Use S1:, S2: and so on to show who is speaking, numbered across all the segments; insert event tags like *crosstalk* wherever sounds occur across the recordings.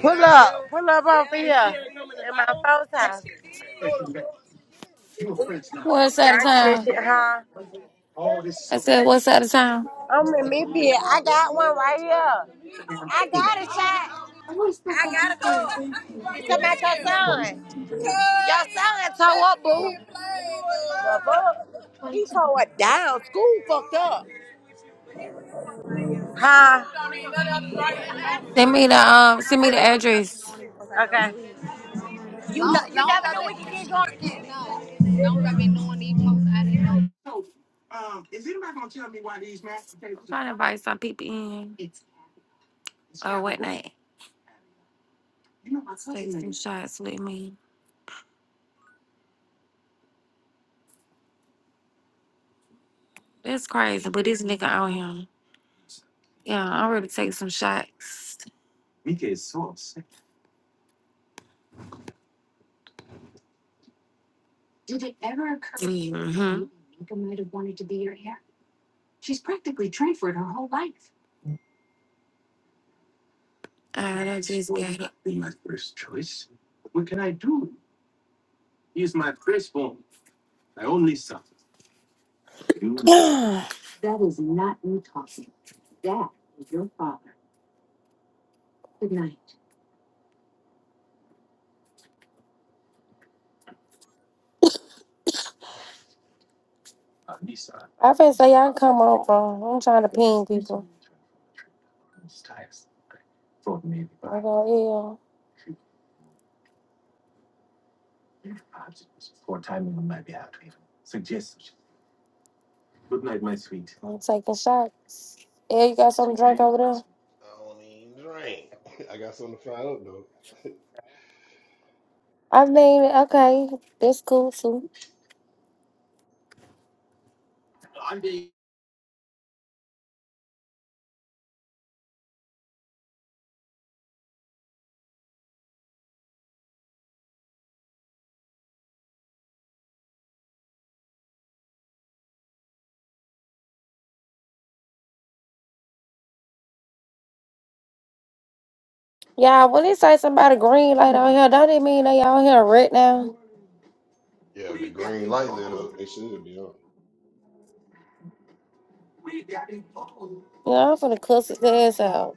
S1: Pull up, pull up over here in my folks house.
S2: What side of
S1: Drinking this
S2: town?
S1: shit, huh?
S2: I said, what side of town?
S1: I'm in Midfield. I got one right here. I got a shot. You talking about your son? Your son tore up, boo. The fuck? He tore it down. School fucked up. Huh?
S2: Send me the um, send me the address.
S1: Okay. You know, you never know what your kids going to.
S2: I'm trying to invite some people in or whatnot. Take some shots with me. That's crazy, but this nigga out here. Yeah, I'm ready to take some shots. Mm-hmm. I just got it. *clears throat* I feel say y'all come over. I'm trying to ping people. I go, yeah. yeah. I'm taking shots. Yeah, you got some drink over there?
S3: I don't even drink. *laughs* I got something to find out though.
S2: I mean, okay, that's cool too. Yeah, when they say somebody green light on here, don't it mean they out here right now?
S3: Yeah, the green light lit up. They should be on.
S2: You know, I'm finna cuss his ass out.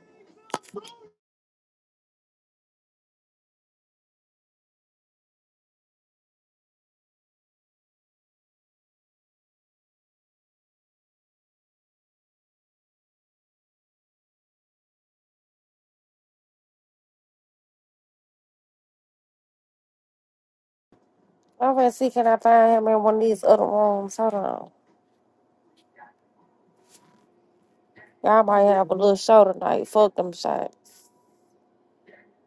S2: I'm finna see can I find him in one of these other rooms. Hold on. Y'all might have a little show tonight. Fuck them shots.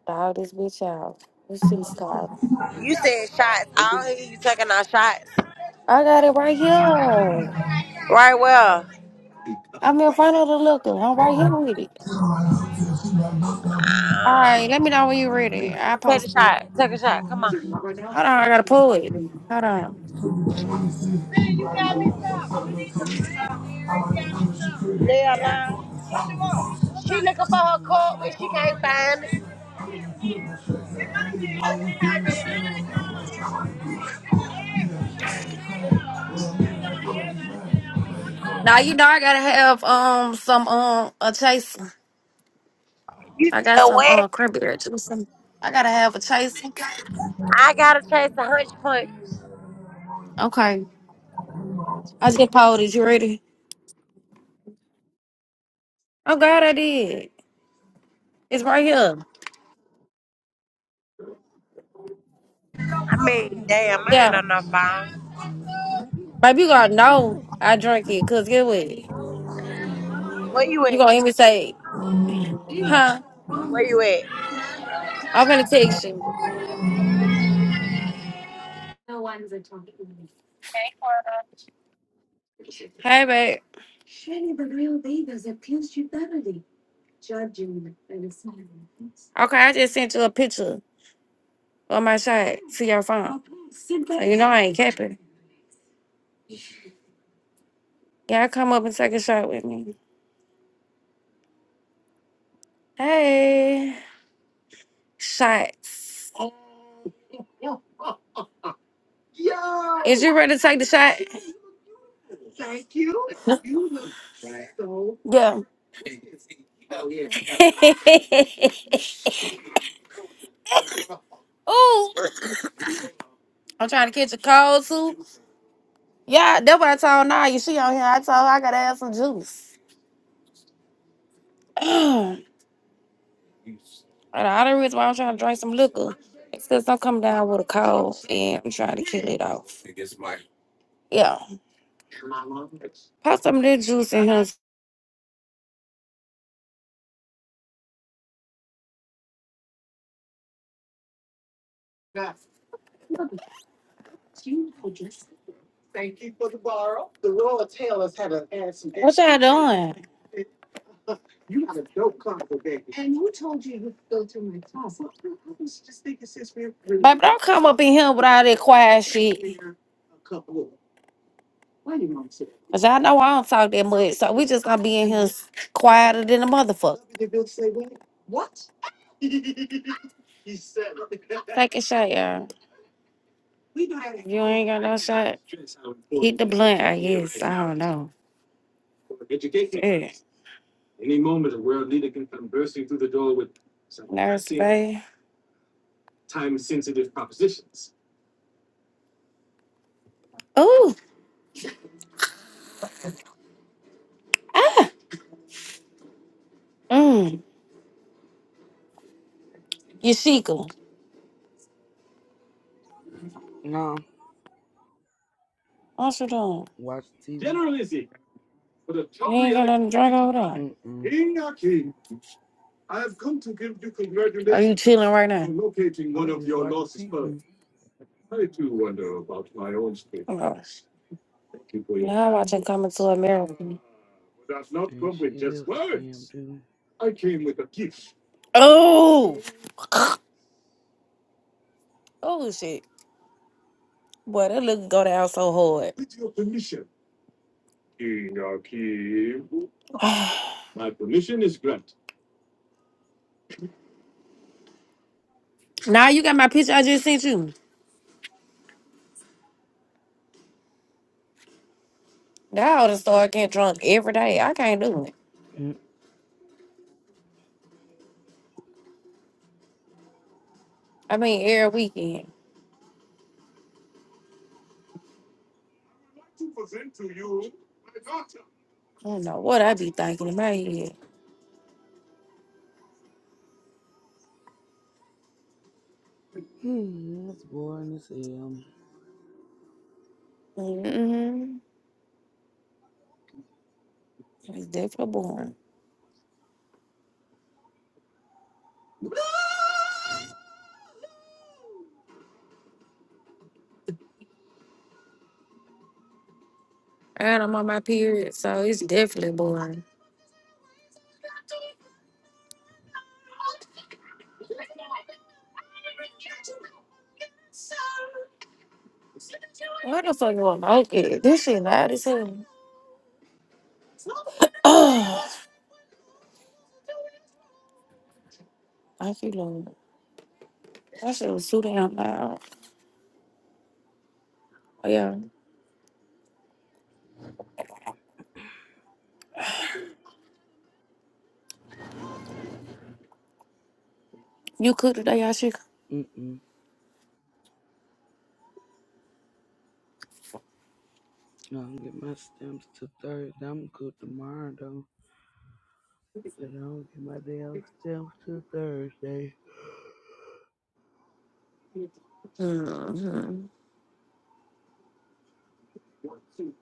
S2: Dog this bitch out. This shit's car.
S1: You said shots. I don't hear you taking our shots.
S2: I got it right here.
S1: Right well.
S2: I'm in front of the liquor. I'm right here with it. All right, let me know when you're ready. I post.
S1: Take the shot. Take a shot. Come on.
S2: Hold on, I gotta pull it. Hold on.
S1: They lying. She looking for her coat, but she can't find it.
S2: Now you know I gotta have um some um a chaser.
S1: You
S2: I got
S1: said
S2: some um
S1: what?
S2: cranberry juice. and- I gotta have a chaser.
S1: I gotta chase the hunch punch.
S2: Okay, I just pulled it. You ready? Oh God, I did. It's right here.
S1: I mean, damn, I ain't
S2: Yeah,
S1: on no phone.
S2: baby, you gotta know I drink it. Cause get what?
S1: Where you
S2: You
S1: at?
S2: gonna even say, huh?
S1: Where you at?
S2: I'm gonna text you.
S4: Hey, Cora.
S2: Hey, babe. Okay, I just sent you a picture of my shot to your phone. So you know I ain't capping. Yeah, come up and take a shot with me. Hey, shots. Is you ready to take the shot? Yeah. *laughs* Ooh, I'm trying to catch a cold too. Yeah, that's what I told now. You see on here, I told her I gotta have some juice. *sighs* *clears throat* And the other reason why I'm trying to drink some liquor is because I'm coming down with a cold and I'm trying to kill it off. Yeah. Pop some of this juice in here. What y'all doing? Baby, don't come up in here with all that quiet shit. Cause y'all know I don't talk that much. So we just gonna be in here s- quieter than a motherfucker. Take a shot, y'all. If you ain't got no shot, hit the blunt, I guess. I don't know. Yeah. Nurse, babe. Ooh. Mm. Yashika.
S5: No,
S2: What you doing?
S5: watching TV.
S2: You ain't got nothing to drink over there.
S5: Mm-mm.
S2: Are you chilling right
S5: I'm just
S2: now?
S5: watching TV.
S2: Oh, for your now I can come into America.
S5: Ain't shit else to damn do.
S2: Oh, *gasps* oh shit. Boy, that look go down so hard. *sighs* now you got my picture I just sent you. Now I would start getting drunk every day. I can't do it. I mean, every weekend. I don't know what I be thinking in my head.
S5: Mm-mm. It's boring as hell.
S2: Mm-hmm. It's definitely boring. And I'm on my period, so it's definitely boring. Why the fuck do I like it? This shit loud as hell. *clears throat* Oh, I feel old. that shit was too damn loud. Oh, yeah, you cook today, y'all should.
S5: Mm-mm. No, I'm get my stamps to Thursday. I'm good tomorrow though, but I don't get my damn stamps to Thursday.
S2: Mm-hmm.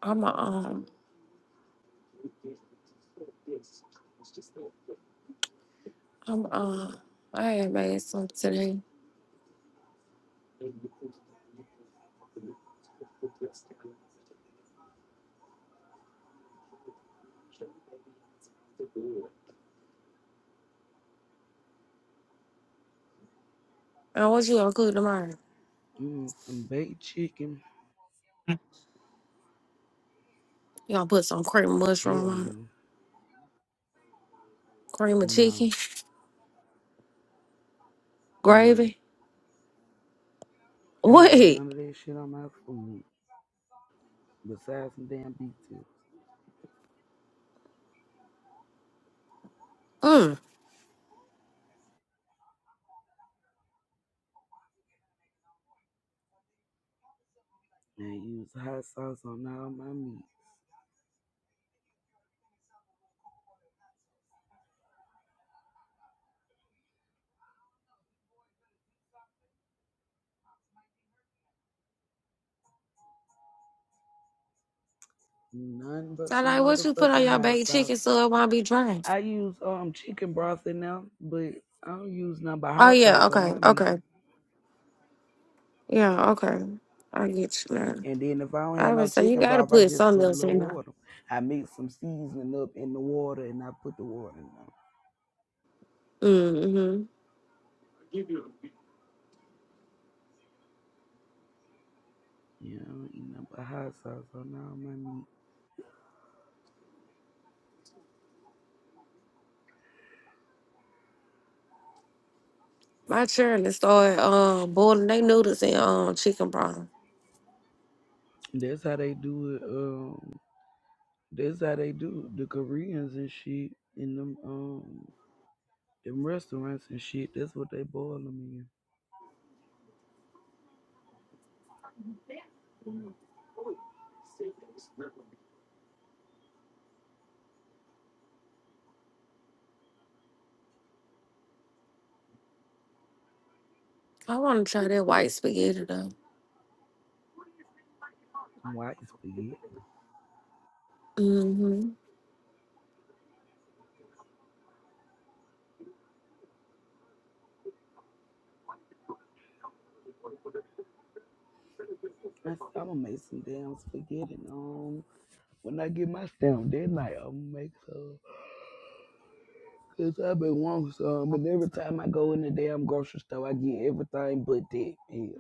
S2: I'm a, um, I'm um, I had made some today. Now what you gonna cook tomorrow?
S5: Mm, some baked chicken.
S2: You gonna put some cream of mushroom
S5: Hell
S2: on it,
S5: no.
S2: cream of
S5: No,
S2: chicken,
S5: no.
S2: gravy?
S5: I don't eat none
S2: Wait,
S5: of that shit on my food besides some damn beef tips.
S2: mm.
S5: And I use hot sauce on all my meat. None but
S2: So
S5: some
S2: like, what you put on
S5: motherfucking
S2: your
S5: hot
S2: baked
S5: sauce.
S2: chicken so it won't be dry?
S5: I use um chicken broth in there, but I don't use none but
S2: Oh
S5: hot
S2: yeah,
S5: sauce on
S2: okay,
S5: my meat.
S2: okay, yeah, okay. I get you now.
S5: And then if I don't have
S2: I
S5: no
S2: would say you
S5: chicken
S2: gotta
S5: broth, I
S2: put
S5: just
S2: something
S5: put a
S2: else
S5: little
S2: in there.
S5: water. I mix some seasoning up in the water and I put the water in there.
S2: Mm-hmm.
S5: Yeah, I don't eat nothing but hot sauce on all my meat.
S2: My children started um boiling their noodles in um chicken broth.
S5: That's how they do it. Um, that's how they do it. the Koreans and shit in them um them restaurants and shit. That's what they boil them
S2: I want to try that white spaghetti though.
S5: in. White spaghetti.
S2: Mm-hmm.
S5: I said, I'm gonna make some damn spaghetti. and, Um, when I get my stamp that night, I'm gonna make some. Cause I've been wanting some, but every time I go in the damn grocery store, I get everything but that. Yeah,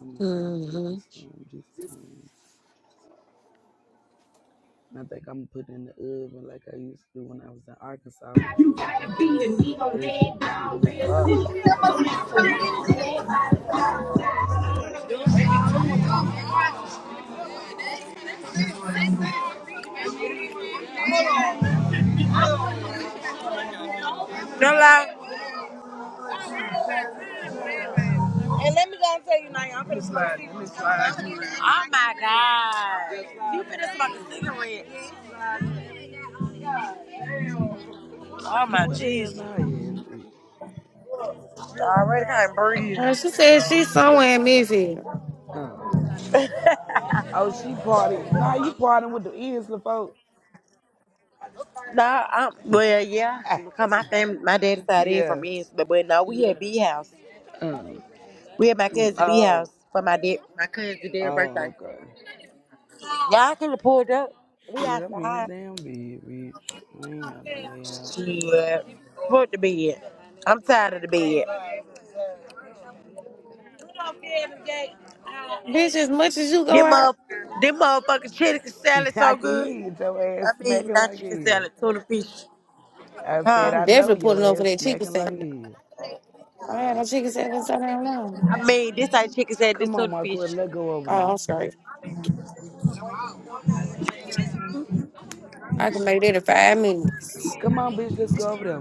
S5: I'm gonna go and cook me
S2: Mm-hmm.
S5: some, just some. I think I'm gonna put it in the oven like I used to do when I was in Arkansas.
S6: You gotta beat and we gon'
S5: That
S6: lay it
S5: shit was good
S6: down
S5: as
S6: real
S5: fuck.
S6: soon. So y'all can rise head by
S1: No lie. And let me go and tell you now, I'm finna smoke a cigarette. Oh my god. You finna smoke a cigarette. Oh
S5: *laughs*
S1: my
S5: what the hell
S1: Jesus.
S5: now is it?
S1: I already can't
S2: Uh,
S1: breathe.
S2: she said she's somewhere in Midfield.
S5: Uh,
S1: *laughs*
S5: oh, she party. Now you partying with the Isla folk.
S1: No, um,
S5: *laughs*
S1: well, yeah, because my family, my dad's side is from
S5: yeah.
S1: East, but, but no, we at B house.
S5: Um,
S1: We at my cousin B house
S5: oh.
S1: for my dad, my cousin's dad's birthday.
S5: Oh, okay.
S1: Yeah, I could have pulled up. We
S5: Shit, I'm in a
S1: outside.
S5: damn bed, bitch. I ain't got no way out.
S1: Shit, put the bed. I'm tired of the bed.
S2: Bitch, as much as you go
S1: Them
S2: out,
S1: mother, them motherfucking chicken
S5: *laughs*
S1: salad
S5: I
S1: so
S5: can
S1: good.
S5: hear your ass
S1: I mean,
S5: smacking
S1: not
S5: like
S1: chicken
S5: hell.
S1: salad, tuna fish.
S5: I said,
S1: Huh?
S2: I'm
S5: I know
S2: definitely
S5: your
S2: pulling over
S5: ass
S2: that chicken
S5: smacking like
S2: sandwich.
S5: hell.
S2: I had a chicken sandwich in so damn long.
S1: I mean, this ain't chicken salad, this
S5: Come on,
S1: tuna fish.
S5: Marco, let's go over there.
S2: Oh, I'm sorry. I can make that in five minutes.
S5: Come on, bitch, let's go over there.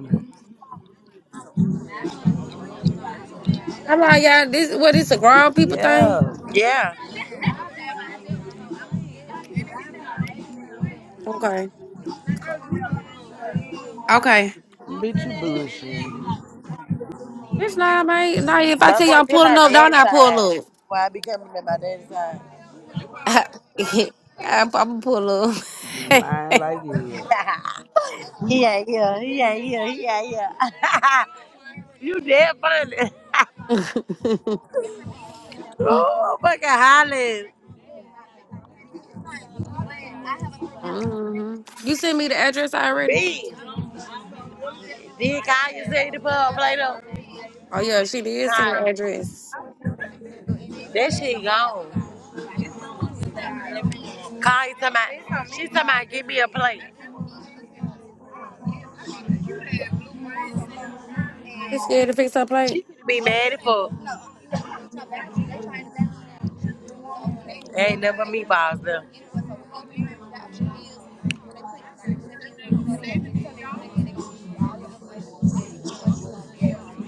S2: How long y'all? This what? This a grown people thing?
S5: Yeah,
S1: Yeah,
S2: Okay. Okay.
S5: bitch, you bullshitting,
S2: It's not, mate. Now, if I
S1: My
S2: tell y'all I'm
S1: according to
S2: pulling
S1: my
S2: up, don't
S1: daddy's
S2: I pull
S1: side,
S2: up?
S1: why I be coming to my daddy's side.
S2: I, *laughs* I'm gonna pull up. *laughs*
S5: Lying like hell.
S1: *laughs* Yeah, yeah, yeah, yeah, yeah. here. *laughs* you dead funny. *laughs* oh, fucking hollering.
S2: hmm You sent me the address already?
S1: B. Did Kanye you say the pub play-doh?
S2: Oh yeah, she did send the
S1: Nah,
S2: address.
S1: that shit gone. Kanye talking about, she talking about give me a plate.
S2: She scared to fix her
S1: She
S2: plate.
S1: could be mad at fuck. Ain't never meatballs though.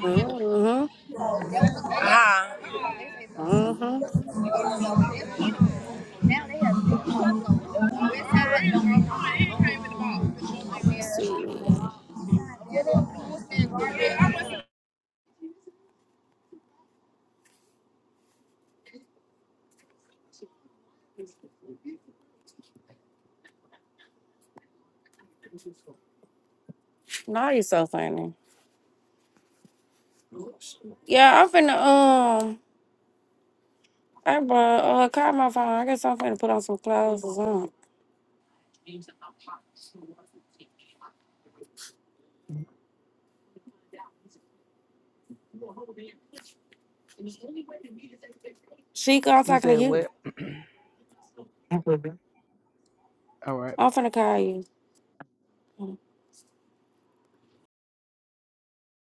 S2: Mm-hmm.
S1: Huh?
S2: Mm-hmm.
S1: Now they have big homes on the west side. Where they came
S2: See.
S1: in the ball. Yeah.
S2: Now you so funny. Yeah, I'm finna um I brought uh call my phone. I guess I'm finna put on some clothes or something. She I'm
S5: You
S2: talking to
S5: said
S2: you.
S5: what? All right.
S2: I'm finna call you.